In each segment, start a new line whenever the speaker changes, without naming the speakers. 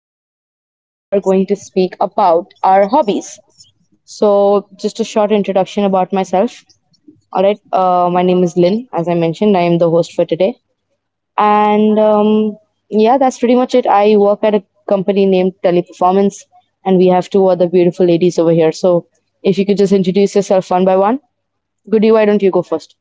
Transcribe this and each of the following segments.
And today we are going to speak about our hobbies. So, just a short introduction about myself. All right, my name is Lynn. As I mentioned, I am the host for today. And yeah, that's pretty much it. I work at a company named Teleperformance, and we have two other beautiful ladies over here. So, if you could just introduce yourself one by one. Goody, why don't you go first?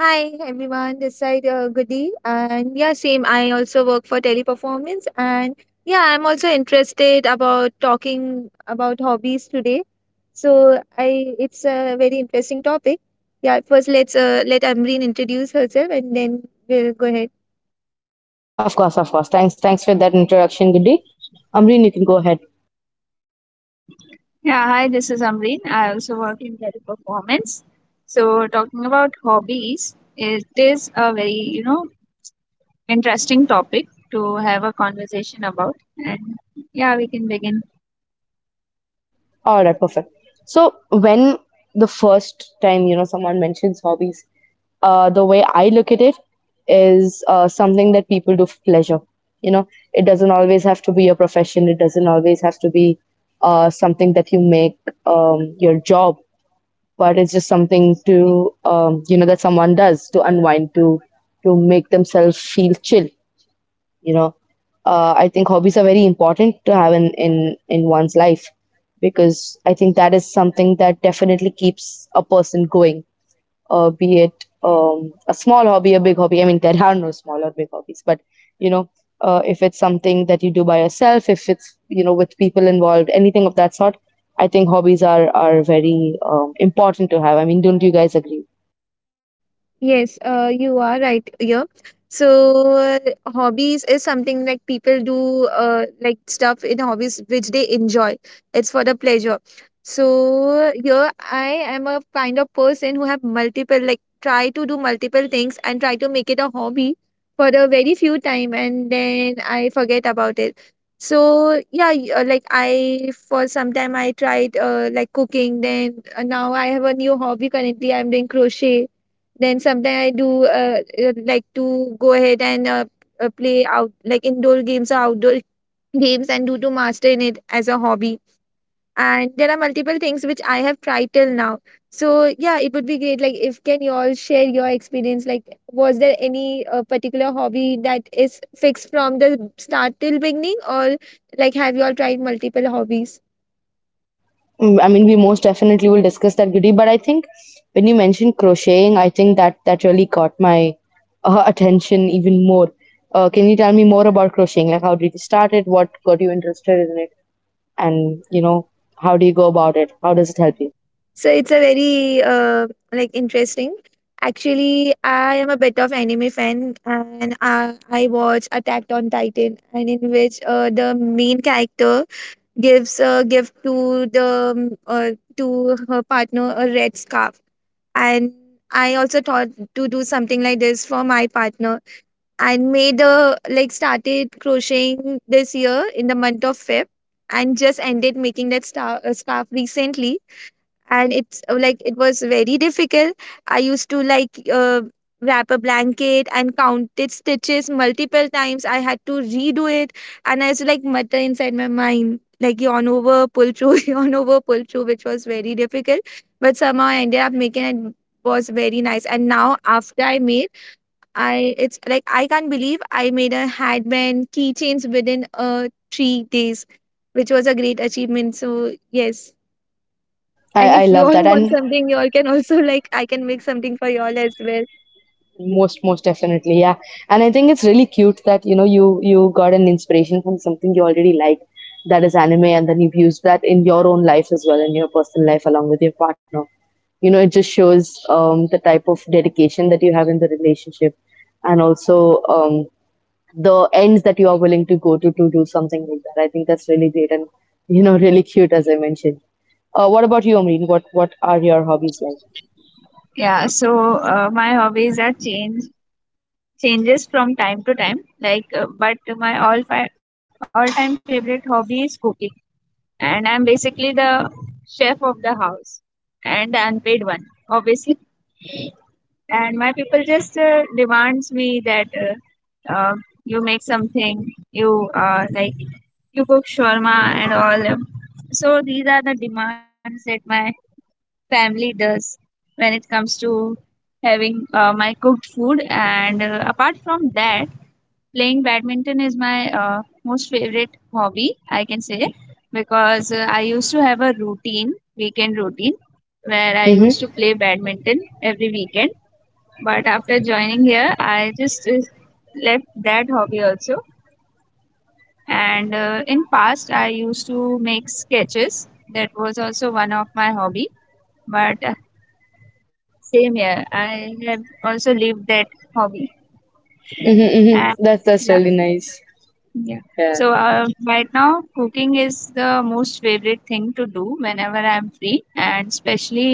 Hi everyone, this side Goody, and yeah, same. I also work for Teleperformance, and yeah, I'm also interested about talking about hobbies today. So I it's a very interesting topic. Yeah, first let's let Amreen introduce herself and then we'll go ahead.
Of course, of course. Thanks for that introduction, Goody. Amreen, you can go ahead.
Yeah, hi, this is Amreen. I also work in teleperformance. So, talking about hobbies, it is a very, you know, interesting topic to have a conversation about. And yeah, we can begin.
All right, perfect. So when the first time, you know, someone mentions hobbies, the way I look at it is something that people do for pleasure. You know, it doesn't always have to be a profession. It doesn't always have to be something that you make your job, but it's just something to, you know, that someone does to unwind, to make themselves feel chill. You know, I think hobbies are very important to have in one's life because I think that is something that definitely keeps a person going. Be it a small hobby, a big hobby. I mean, there are no small or big hobbies, but you know, if it's something that you do by yourself, if it's, you know, with people involved, anything of that sort, I think hobbies are very important to have. I mean, don't you guys agree?
Yes, you are right here. So, hobbies is something like people do like stuff in hobbies which they enjoy. It's for the pleasure. So, here I am a kind of person who have multiple, like, try to do multiple things and try to make it a hobby for a very few time and then I forget about it. So, yeah, like I for some time I tried like cooking. Then now I have a new hobby currently. I'm doing crochet, then sometimes I do like to go ahead and play out like indoor games or outdoor games and do to master in it as a hobby. And there are multiple things which I have tried till now. So yeah, it would be great. Like, if can you all share your experience? Like, was there any particular hobby that is fixed from the start till beginning, or like have you all tried multiple hobbies?
Mm, I mean, we most definitely will discuss that, Goody. But I think when you mentioned crocheting, I think that really caught my attention even more. Can you tell me more about crocheting? Like, how did you start it? What got you interested in it? And you know, how do you go about it? How does it help you?
So it's a very like interesting. Actually, I am a bit of anime fan, and I watch Attack on Titan, and in which the main character gives a gift to the um, uh, to her partner a red scarf, and I also thought to do something like this for my partner, and made a like started crocheting this year in the month of Feb, and just ended making that star, scarf recently, and it's like it was very difficult. I used to wrap a blanket and counted stitches multiple times. I had to redo it, and I was like mutter inside my mind, like yawn over pull through, yawn over pull through, which was very difficult, but somehow I ended up making it. Was very nice, and now after I made, I it's like I can't believe I made a handband keychains within 3 days, which was a great achievement. So yes,
I,
and
I
if you
love
all
that.
want
And
something, you all can also like I can make something for you all as well.
most, most definitely, yeah. And I think it's really cute that you know you got an inspiration from something you already like, that is anime, and then you've used that in your own life as well, in your personal life along with your partner. You know, it just shows the type of dedication that you have in the relationship, and also the ends that you are willing to go to do something like that. I think that's really great and you know really cute as I mentioned. What about you, Amreen? What are your hobbies like?
Yeah, so my hobbies are changes from time to time. But my all time favorite hobby is cooking, and I'm basically the chef of the house and the unpaid one, obviously. And my people just demands me that uh, you make something you like, you cook shawarma and all. So these are the demands that my family does when it comes to having my cooked food. And apart from that, playing badminton is my most favorite hobby I can say, because I used to have a routine weekend routine where I used to
Mm-hmm.
play badminton every weekend. But after joining here, I just left that hobby also. And in past, I used to make sketches. That was also one of my hobby. But same here, I have also lived that hobby.
Mm-hmm,
And
mm-hmm. That's
yeah,
really nice.
yeah. So right now cooking is the most favorite thing to do whenever I'm free, and especially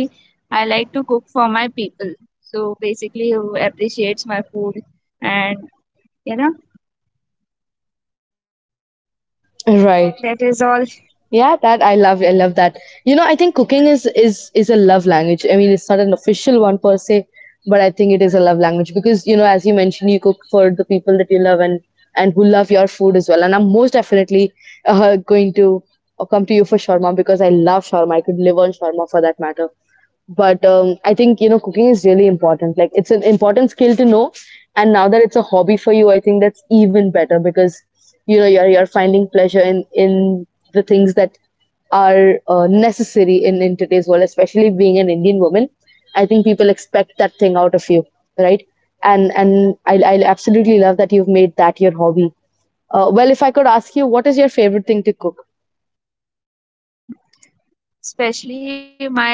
I like to cook for my people, so basically who appreciates my food. And you know, that is
Right.
all.
Yeah, that I love. I love that. You know, I think cooking is a love language. I mean, it's not an official one per se, but I think it is a love language because, you know, as you mentioned, you cook for the people that you love and who love your food as well. And I'm most definitely going to come to you for shawarma because I love shawarma. I could live on shawarma for that matter, but I think, you know, cooking is really important. Like, it's an important skill to know, and now that it's a hobby for you, I think that's even better because you know you're finding pleasure in the things that are necessary in today's world, especially being an Indian woman. I think people expect that thing out of you, right? And I absolutely love that you've made that your hobby. Uh, well, if I could ask you, what is your favorite thing to cook?
Especially my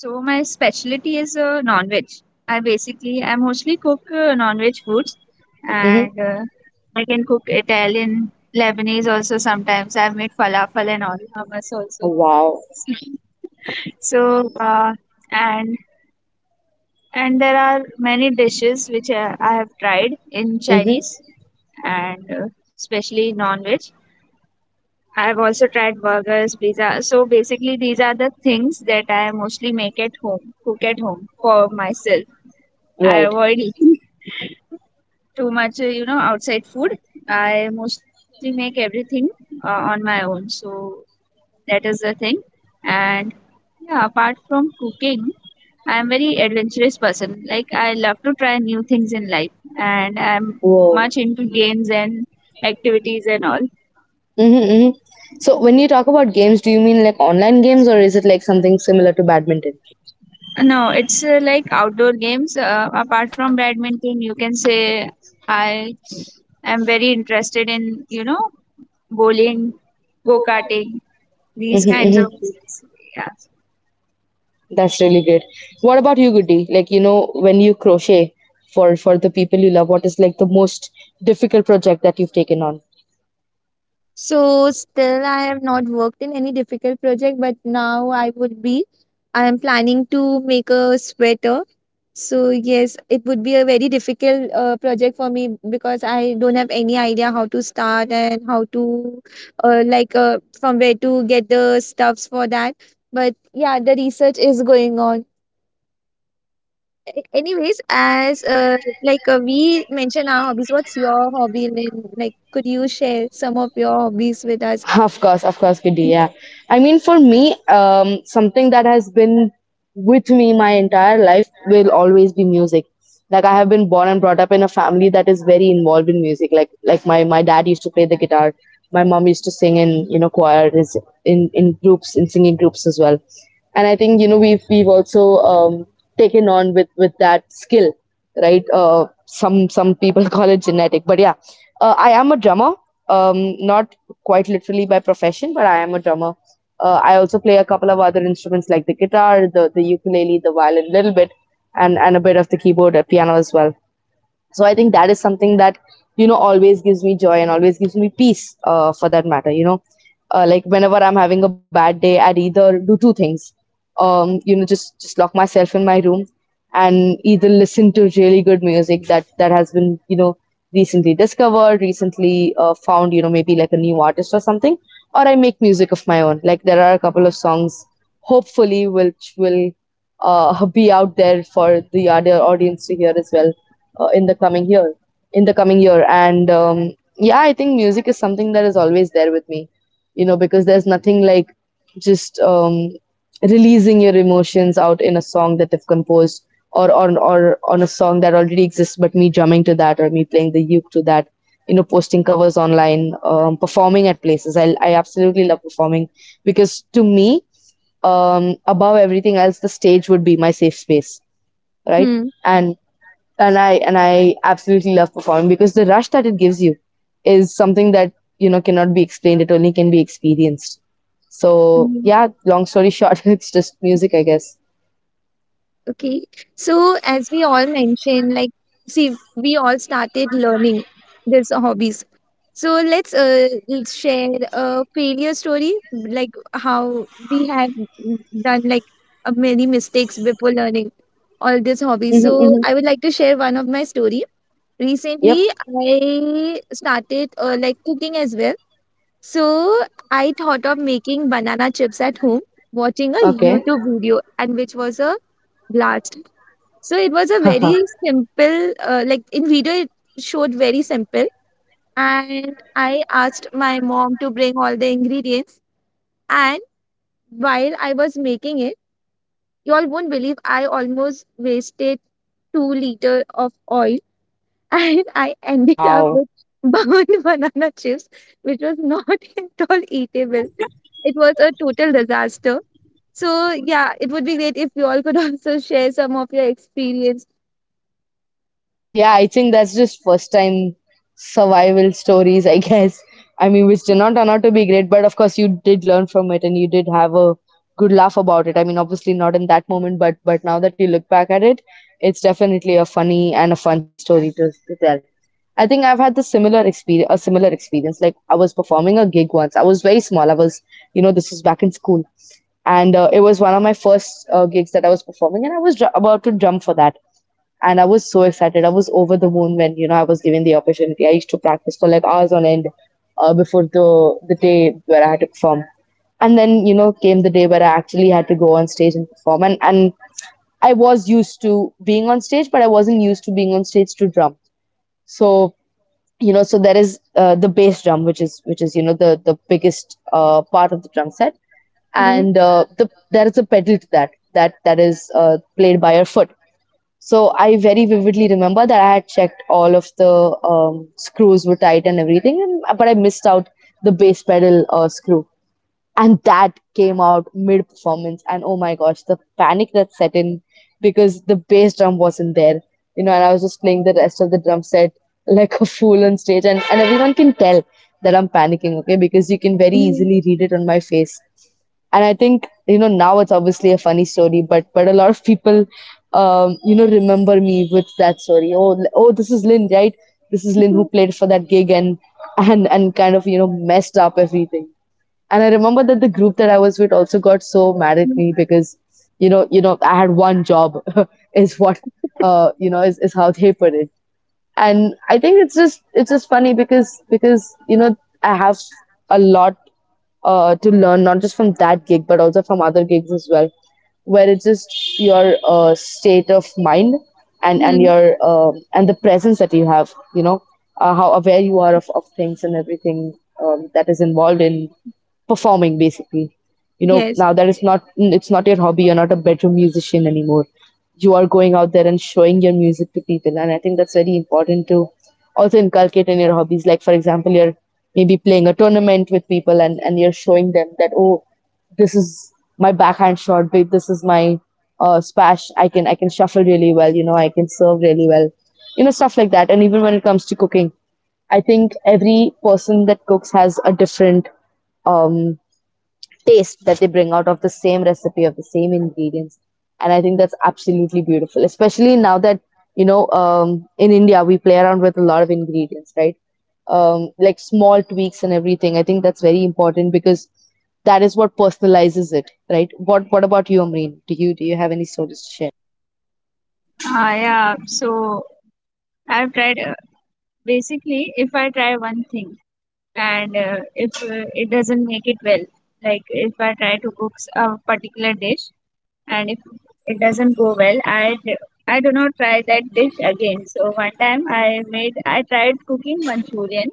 So my specialty is non-veg. I mostly cook non-veg foods. And
Mm-hmm.
I can cook Italian, Lebanese also sometimes. I've made falafel and all, hummus also.
Wow.
So and and there are many dishes which I have tried in Chinese, and especially non-veg. I have also tried burgers, pizza. So basically these are the things that I mostly make at home, cook at home for myself. I
Right.
avoid eating too much, you know, outside food. I mostly make everything on my own. So that is the thing. And yeah, apart from cooking, I am very adventurous person. Like, I love to try new things in life, and I'm
Whoa.
much into games and activities and all.
Mm-hmm, mm-hmm. So when you talk about games, do you mean like online games, or is it like something similar to badminton?
No, it's like outdoor games. Apart from badminton, you can say I am very interested in, you know, bowling, go karting,
Mm-hmm,
these kinds
mm-hmm.
of things. Yeah.
That's really great. What about you, Goody? Like, you know, when you crochet for the people you love, what is like the most difficult project that you've taken on?
So still I have not worked in any difficult project, but now I would be I am planning to make a sweater. So yes, it would be a very difficult project for me because I don't have any idea how to start and how to from where to get the stuffs for that. But yeah, the research is going on. Anyways, as like we mentioned our hobbies, what's your hobby, Lynn? Like, could you share some of your hobbies with us?
Of course, Kiddy. Yeah. I mean, for me, something that has been with me my entire life will always be music. Like, I have been born and brought up in a family that is very involved in music. Like my dad used to play the guitar, my mom used to sing in, you know, choirs, in groups, in singing groups as well. And I think, you know, we've also um, taken on with that skill, right? Some people call it genetic, but yeah, I am a drummer. Not quite literally by profession, but I am a drummer. I also play a couple of other instruments like the guitar, the ukulele, the violin, a little bit, and a bit of the keyboard, piano as well. So I think that is something that you know always gives me joy and always gives me peace, for that matter, you know. Like, whenever I'm having a bad day, I'd either do two things. You know, just lock myself in my room and either listen to really good music that that has been, you know, recently discovered, recently found, you know, maybe like a new artist or something, or I make music of my own. Like, there are a couple of songs hopefully which will be out there for the other audience to hear as well, in the coming year in the coming year and yeah, I think music is something that is always there with me, you know, because there's nothing like just releasing your emotions out in a song that they've composed or on a song that already exists, but me drumming to that or me playing the uke to that, you know, posting covers online, performing at places. I absolutely love performing because to me, above everything else, the stage would be my safe space, right?
Hmm.
And and I absolutely love performing because the rush that it gives you is something that you know cannot be explained. It only can be experienced. So
Hmm.
yeah, long story short, it's just music, I guess.
Okay, so as we all mentioned, like, see, we all started learning these hobbies, so let's share a failure story, like how we have done like many mistakes before learning all these hobbies. So
Hmm.
I would like to share one of my story.
Yep.
Recently, I started like cooking as well. So I thought of making banana chips at home, watching a
Okay.
YouTube video, and which was a blast. So it was a very simple, like in video it showed very simple. And I asked my mom to bring all the ingredients. And while I was making it, y'all won't believe I almost wasted 2 liter of oil and I ended up
Wow.
with burned banana chips, which was not at all eatable. It was a total disaster. So yeah, it would be great if you all could also share some of your experience.
Yeah, I think that's just first time survival stories, I guess. I mean, which did not turn out to be great, but of course you did learn from it and you did have a good laugh about it. I mean, obviously not in that moment, but now that you look back at it, it's definitely a funny and a fun story to tell. I think I've had the similar experience, a similar experience. Like, I was performing a gig once. I was very small. I was, you know, this was back in school, and it was one of my first gigs that I was performing, and I was about to drum for that, and I was so excited. I was over the moon when you know I was given the opportunity. I used to practice for like hours on end before the day where I had to perform, and then you know came the day where I actually had to go on stage and perform. And I was used to being on stage, but I wasn't used to being on stage to drum. So you know, so there is the bass drum, which is you know the biggest part of the drum set,
Mhm.
and there is a pedal to that that that is played by your foot. So I very vividly remember that I had checked all of the screws were tight and everything, and, but I missed out the bass pedal screw, and that came out mid-performance. And oh my gosh, the panic that set in because the bass drum wasn't there, and I was just playing the rest of the drum set like a fool on stage, and everyone can tell that I'm panicking, okay, because you can very
Mhm.
easily read it on my face. And I think now it's obviously a funny story, but a lot of people remember me with that story. Oh, this is Lynn, right? This is Lynn who played for that gig. And and kind of messed up everything. And I remember that the group that I was with also got so mad at
Mhm.
me because I had one job, is what, is how they put it. And I think it's just funny because I have a lot to learn, not just from that gig, but also from other gigs as well, where it's just your state of mind, and
Mhm.
your and the presence that you have, how aware you are of things and everything that is involved in performing, basically. You know
Yes,
now that it's not your hobby, you're not a bedroom musician anymore. You are going out there and showing your music to people, and I think that's very important to also inculcate in your hobbies. Like, for example, you're maybe playing a tournament with people, and you're showing them that, oh, this is my backhand shot, but this is my smash. I can shuffle really well, I can serve really well, stuff like that. And even when it comes to cooking, I think every person that cooks has a different um, taste that they bring out of the same recipe, of the same ingredients. And I think that's absolutely beautiful, especially now that in India we play around with a lot of ingredients, right? Like, small tweaks and everything, I think that's very important, because that is what personalizes it, right? What about you, Amreen? Do you have any stories to share?
Yeah. So I've tried, basically, if I try one thing and if it doesn't make it well, like if I try to cook a particular dish and if it doesn't go well, I do not try that dish again. So one time I tried cooking Manchurian.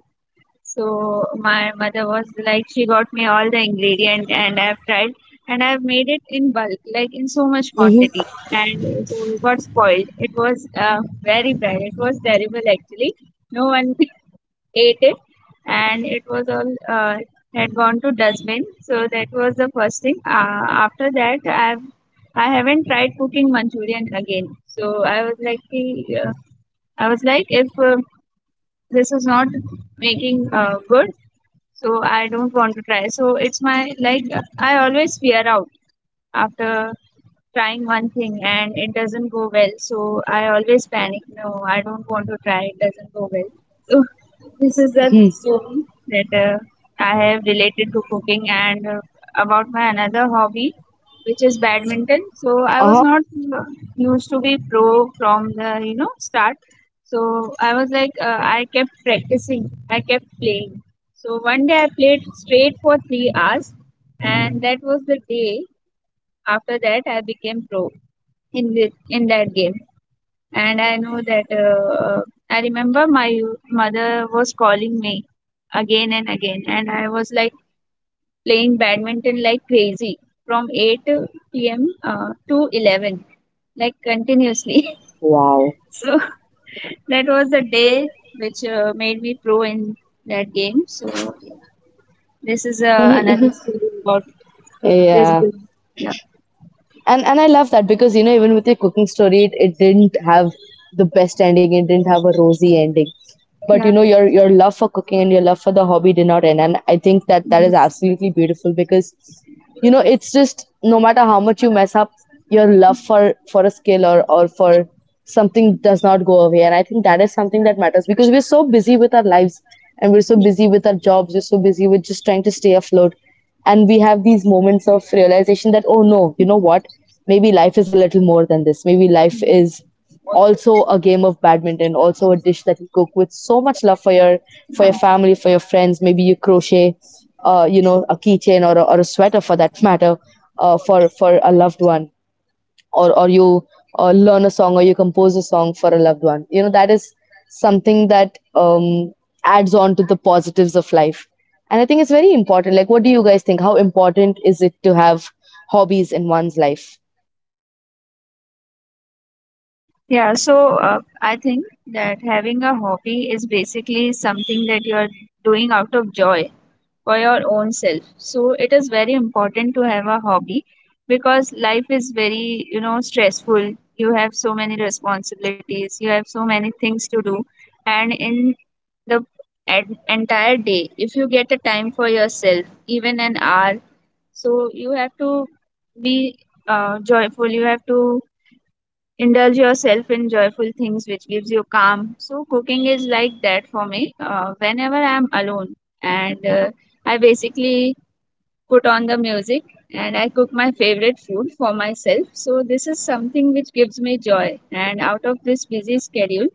So my mother was like, she got me all the ingredient, and I've tried, and I've made it in bulk, like in so much
Mm-hmm.
quantity. And it got spoiled. It was very bad. It was terrible actually. No one ate it, and it was all had gone to dustbin. So that was the first thing. After that, I haven't tried cooking Manchurian again. So I was like, "Hey, I was like, if this is not making good, so I don't want to try." So it's my like, I always fear out after trying one thing and it doesn't go well. So I always panic. No, I don't want to try. It doesn't go well. So this is the
Hmm.
story that I have related to cooking. And about my another hobby, which is badminton. So I was
Uh-huh.
not uh, used to be pro from the, you know, start. So I was like, I kept practicing, I kept playing. So one day I played straight for 3 hours, and that was the day after that I became pro in that game. And I know that I remember my mother was calling me again and again, and I was like playing badminton like crazy from 8 p.m. To 11, like continuously.
Wow.
So that was the day which made me pro in that game. So yeah, this is another story about this
Yeah,
game. Yeah,
and I love that because, you know, even with your cooking story, it didn't have the best ending. It didn't have a rosy ending. But you
yeah,
know your love for cooking and your love for the hobby did not end, and I think that that is
yes.
absolutely beautiful because, it's just, no matter how much you mess up, your love for a skill or for something does not go away. And I think that is something that matters, because we're so busy with our lives, and we're so busy with our jobs, we're so busy with just trying to stay afloat, and we have these moments of realization that, oh no, you know what, maybe life is a little more than this. Maybe life is also a game of badminton, also a dish that you cook with so much love for
Yeah.
your family, for your friends. Maybe you crochet, you know, a keychain or a sweater for that matter, for a loved one, or you learn a song, or you compose a song for a loved one. You know that is something that adds on to the positives of life, and I think it's very important. Like, what do you guys think? How important is it to have hobbies in one's life?
Yeah, so I think that having a hobby is basically something that you're doing out of joy for your own self. So it is very important to have a hobby, because life is very, you know, stressful. You have so many responsibilities, you have so many things to do, and in the entire day, if you get a time for yourself, even an hour, so you have to be joyful. You have to indulge yourself in joyful things which gives you calm. So cooking is like that for me. Whenever I am alone, and I basically put on the music and I cook my favorite food for myself, so this is something which gives me joy. And out of this busy schedule,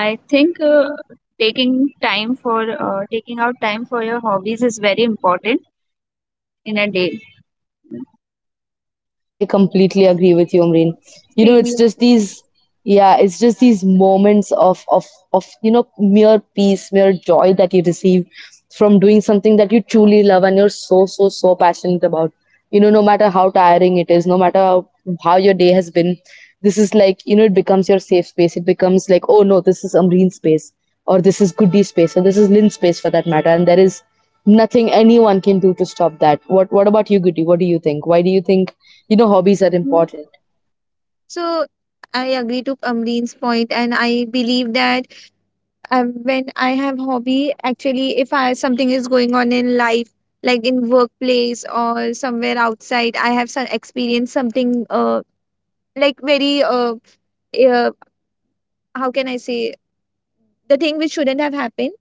I think taking time for taking out time for your hobbies is very important in a day.
I completely agree with you, Omreen. You know,
same.
it's
Here.
just these, yeah, it's just these moments of you know mere peace, mere joy that you receive from doing something that you truly love and you're so so passionate about. You know, no matter how tiring it is, no matter how your day has been, this is, like, you know, it becomes your safe space. It becomes like, oh no, this is Amreen's space, or this is Goody space, or this is Lynn's space for that matter, and there is nothing anyone can do to stop that. What about you, Goody? What do you think? Why do you think hobbies are
Mhm.
important?
So I agree to Amreen's point, and I believe that when I have hobby, actually, if I something is going on in life, like in workplace or somewhere outside, I have some experience something like very uh how can I say, the thing which shouldn't have happened,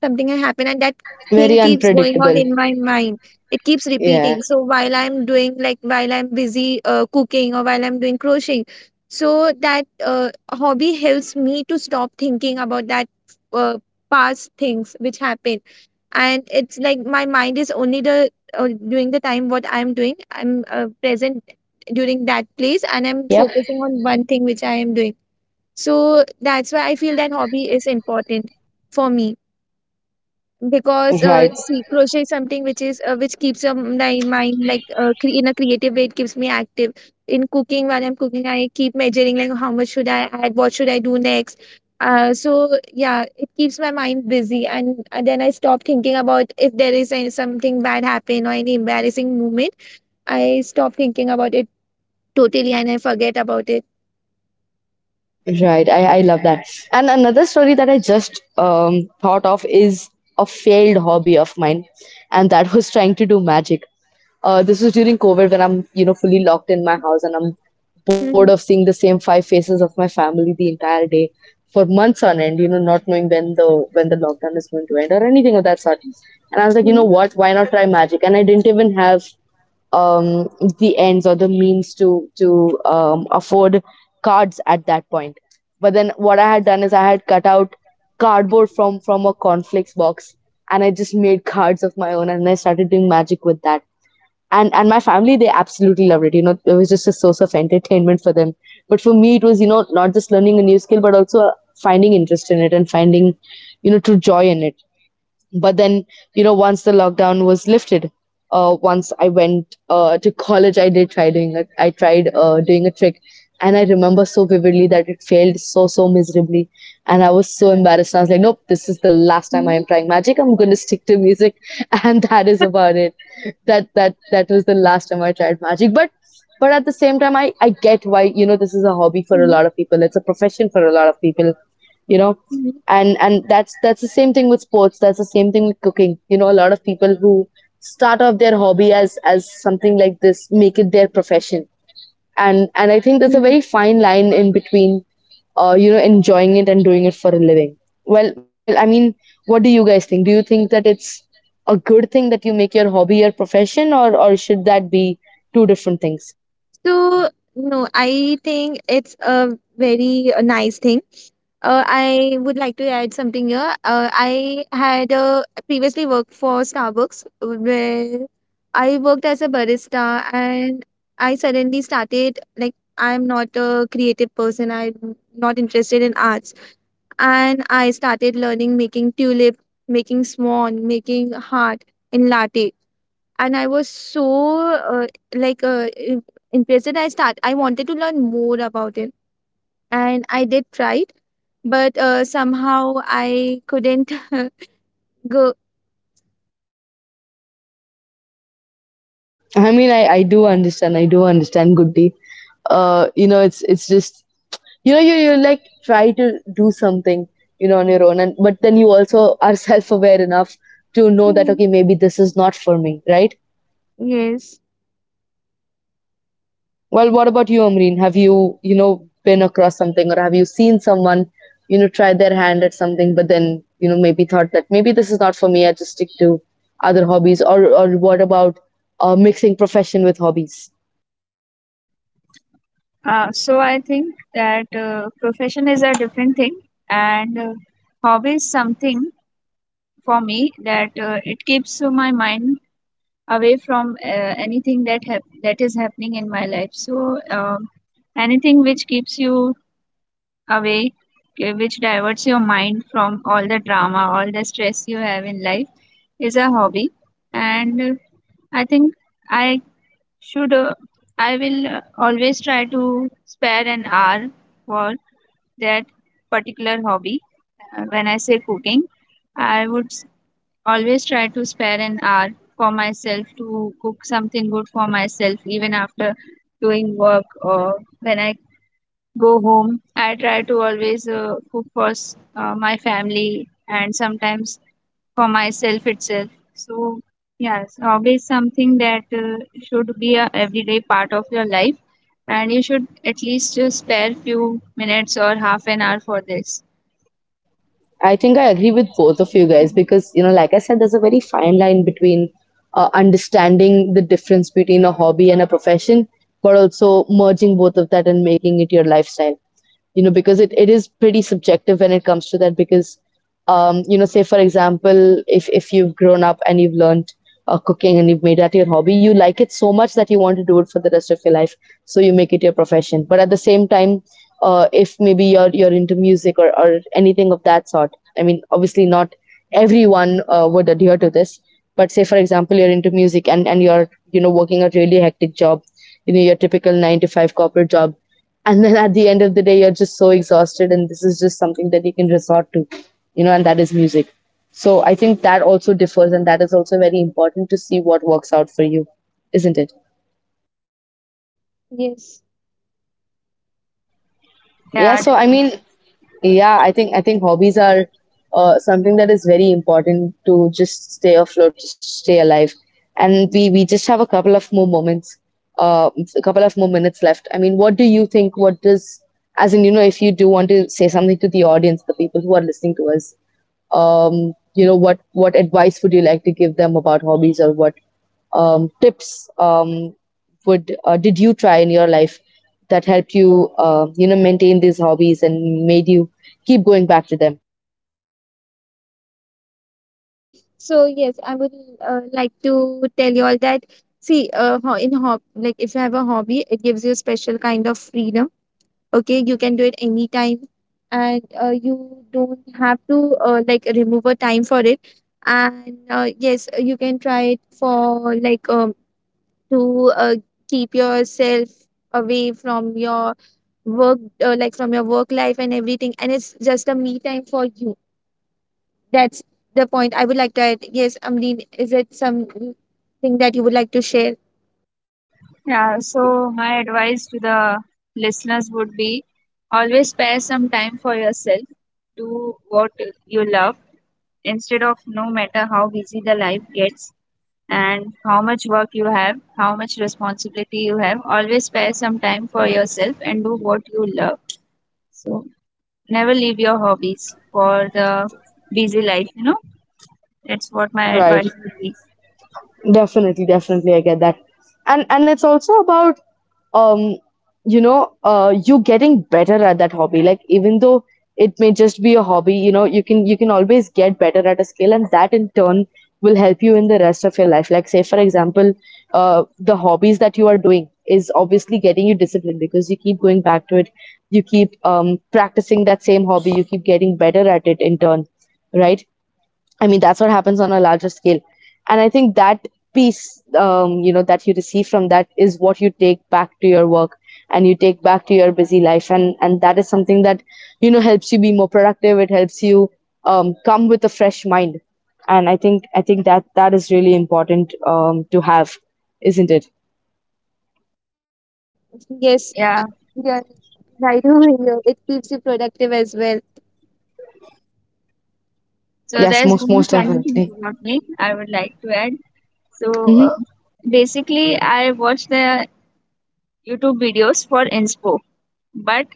something had happened, and that
Very
thing keeps going on
unpredictable.
in my mind. It keeps
Yeah.
repeating, so while I'm doing, like, while I'm busy cooking or while I'm doing crocheting, so that hobby helps me to stop thinking about that uh, past things which happened. And it's like my mind is only the during the time what I'm doing, I'm present during that place, and I'm
Yep.
focusing on one thing which I am doing. So that's why I feel that hobby is important for me because
Right.
see, crochet is something which is which keeps your my mind like in a creative way. It keeps me active. In cooking, while I'm cooking, I keep measuring like how much should I add, what should I do next. So yeah, it keeps my mind busy, and then I stop thinking about if there is any, something bad happen or any embarrassing moment. I stop thinking about it totally and I forget about it.
Right, I love that. And another story that I just thought of is a failed hobby of mine, and that was trying to do magic. This was during COVID when I'm, you know, fully locked in my house and I'm bored of
Mhm.
seeing the same five faces of my family the entire day for months on end, you know, not knowing when the lockdown is going to end or anything of that sort. And I was like, you know
Mhm.
what, why not try magic? And I didn't even have um, the ends or the means to afford cards at that point. But then what I had done is I had cut out cardboard from a cornflakes box, and I just made cards of my own, and I started doing magic with that. And my family, they absolutely loved it. You know, it was just a source of entertainment for them. But for me, it was, you know, not just learning a new skill, but also finding interest in it and finding, you know, true joy in it. But then, you know, once the lockdown was lifted, once I went to college, I did try doing a, I tried doing a trick, and I remember so vividly that it failed so miserably, and I was so embarrassed. And I was like, nope, this is the last time I
Mhm.
am trying magic. I'm going to stick to music and that is about it. That was the last time I tried magic. But at the same time, I get why, you know, this is a hobby for a
Mhm.
lot of people, it's a profession for a lot of people, you know.
Mhm.
And that's the same thing with sports, that's the same thing with cooking. You know, a lot of people who start off their hobby as something like this make it their profession, and I think there's a
Mhm.
very fine line in between, you know, enjoying it and doing it for a living. Well, I mean, what do you guys think? Do you think that it's a good thing that you make your hobby your profession, or should that be two different things?
So, no, I think it's a very nice thing. I would like to add something here. I had previously worked for Starbucks where I worked as a barista, and I suddenly started like I'm not a creative person. I'm not interested in arts. And I started learning making tulip, making swan, making heart in latte. And I was so uh, like uh, im- impatient. I wanted to learn more about it, and I did try it, but somehow I couldn't go.
I mean, I do understand. I do understand, Goody. You know, it's just, you know, you like try to do something, you know, on your own, and but then you also are self aware enough to know that,
Mm,
okay, maybe this is not for me, right?
yes.
Well, what about you, Amreen? Have you, you know, been across something, or have you seen someone, you know, try their hand at something, but then, you know, maybe thought that maybe this is not for me. I just stick to other hobbies, or what about mixing profession with hobbies?
So I think that profession is a different thing, and hobby is something for me that it keeps my mind away from anything that that is happening in my life. So anything which keeps you away, which diverts your mind from all the drama, all the stress you have in life, is a hobby. And I think I should. I will always try to spare an hour for that particular hobby. When I say cooking, I would s- always try to spare an hour for myself to cook something good for myself, even after doing work or when I go home. I try to always cook for my family, and sometimes for myself itself. So yes, hobby is something that should be a everyday part of your life, and you should at least spare few minutes or half an hour for this.
I think I agree with both of you guys because, you know, like I said, there's a very fine line between understanding the difference between a hobby and a profession, but also merging both of that and making it your lifestyle, you know, because it is pretty subjective when it comes to that. Because, you know, say for example, if you've grown up and you've learned cooking and you've made that your hobby, you like it so much that you want to do it for the rest of your life. So you make it your profession. But at the same time, if maybe you're into music, or anything of that sort, I mean, obviously not everyone would adhere to this. But say for example, you're into music, and you're, you know, working a really hectic job, you know, your typical 9 to 5 corporate job, and then at the end of the day you're just so exhausted, and this is just something that you can resort to, you know, and that is music. So I think that also differs, and that is also very important to see what works out for you, isn't it?
Yes.
Yeah,
Yeah,
so I
d-
mean, yeah, I think hobbies are something that is very important to just stay afloat, to stay alive. And we just have a couple of more moments, uh, a couple of more minutes left. I mean, what do you think? What does, as in, you know, if you do want to say something to the audience, the people who are listening to us, you know, what advice would you like to give them about hobbies, or what tips would did you try in your life that helped you, you know, maintain these hobbies and made you keep going back to them?
Um, so yes, I would like to tell you all that, see, in hob, like if you have a hobby, it gives you a special kind of freedom. Okay, you can do it anytime, and you don't have to like remove a time for it. And yes, you can try it for like to keep yourself away from your work, like from your work life and everything, and it's just a me time for you. That's the point I would like to add. Yes, Amreen, is it something that you would like to share?
yeah. So my advice to the listeners would be always spare some time for yourself. Do what you love. Instead of no matter how busy the life gets and how much work you have, how much responsibility you have, always spare some time for yourself and do what you love. So never leave your hobbies for the busy life, you know? That's what my
Right.
advice would be.
Definitely, definitely I get that. And it's also about um you know you getting better at that hobby. Like, even though it may just be a hobby, you know, you can, you can always get better at a skill, and that in turn will help you in the rest of your life. Like, say for example, the hobbies that you are doing is obviously getting you disciplined because you keep going back to it, you keep practicing that same hobby, you keep getting better at it in turn, right? I mean, that's what happens on a larger scale. And I think that piece, you know, that you receive from that is what you take back to your work, and you take back to your busy life. And that is something that, you know, helps you be more productive. It helps you come with a fresh mind. And I think that that is really important to have, isn't it?
Yes.
Yeah.
Yeah, right over here, it keeps you productive as well.
So
Yes,
there's
most,
one
most
funny thing
definitely.
about me I would like to add. So
Hmm.
basically, I watch the YouTube videos for inspo, but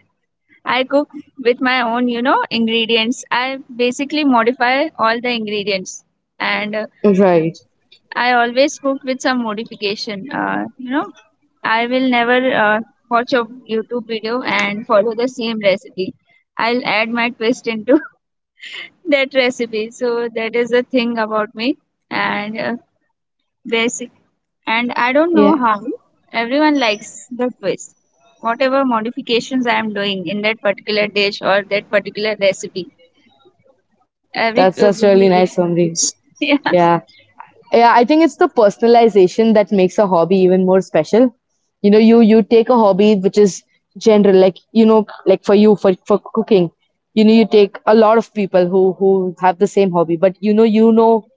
I cook with my own, you know, ingredients. I basically modify all the ingredients, and
Right.
I always cook with some modification. You know, I will never watch a YouTube video and follow the same recipe. I'll add my twist into that recipe. So that is the thing about me. And basic and I don't know
Yeah.
how everyone likes the twist. Whatever modifications I am doing in that particular dish or that particular recipe, every
That's
people
really
likes
nice,
the
Omri.
twist. Yeah.
Yeah. Yeah, I think it's the personalization that makes a hobby even more special. You know, you take a hobby which is general, like, you know, like for you for cooking, you know, you take a lot of people who have the same hobby, but you know, you know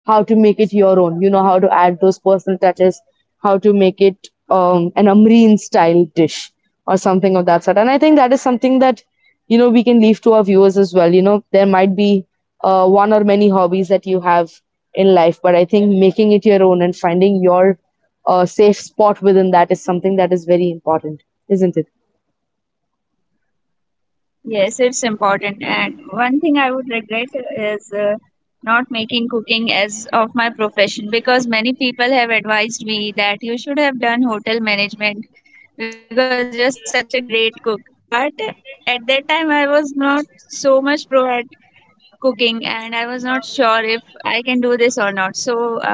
how to make it your own, you know how to add those personal touches, how to make it, um, an Amreen style dish or something of that sort. And I think that is something that, you know, we can leave to our viewers as well. You know, there might be one or many hobbies that you have in life, but I think making it your own and finding your a safe spot within that is something that is very important, isn't it?
Yes, it's important. And one thing I would regret is not making cooking as of my profession, because many people have advised me that you should have done hotel management because you're such a great cook. But at that time, I was not so much pro at cooking, and I was not sure if I can do this or not. So uh,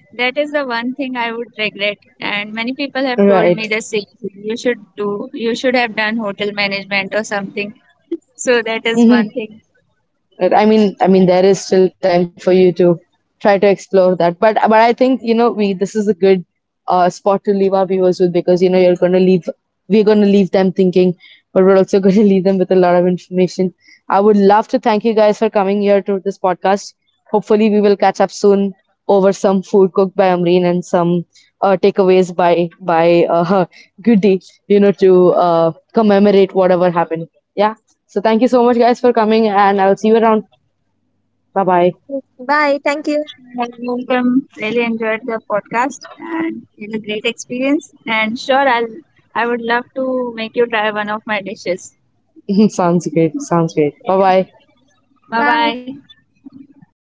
that is the one thing I would regret, and many people have told
Right.
me the same thing. You should do, you should have done hotel management or something. So that is
Hmm.
one thing.
I mean, there is still time for you to try to explore that. But I think, you know, we this is a good spot to leave our viewers with, because you know you're going to leave, we're going to leave them thinking, but we're also going to leave them with a lot of information. I would love to thank you guys for coming here to this podcast. Hopefully, we will catch up soon over some food cooked by Amreen and some takeaways by Goody, you know, to commemorate whatever happened. Yeah. So thank you so much, guys, for coming, and I'll see you around.
Bye, thank you.
Bye bye.
Well, welcome. Really enjoyed the podcast, and it's a great experience. And sure, I would love to make you try one of my dishes.
Sounds great.
Bye.
Sounds great. Bye bye.
Bye bye.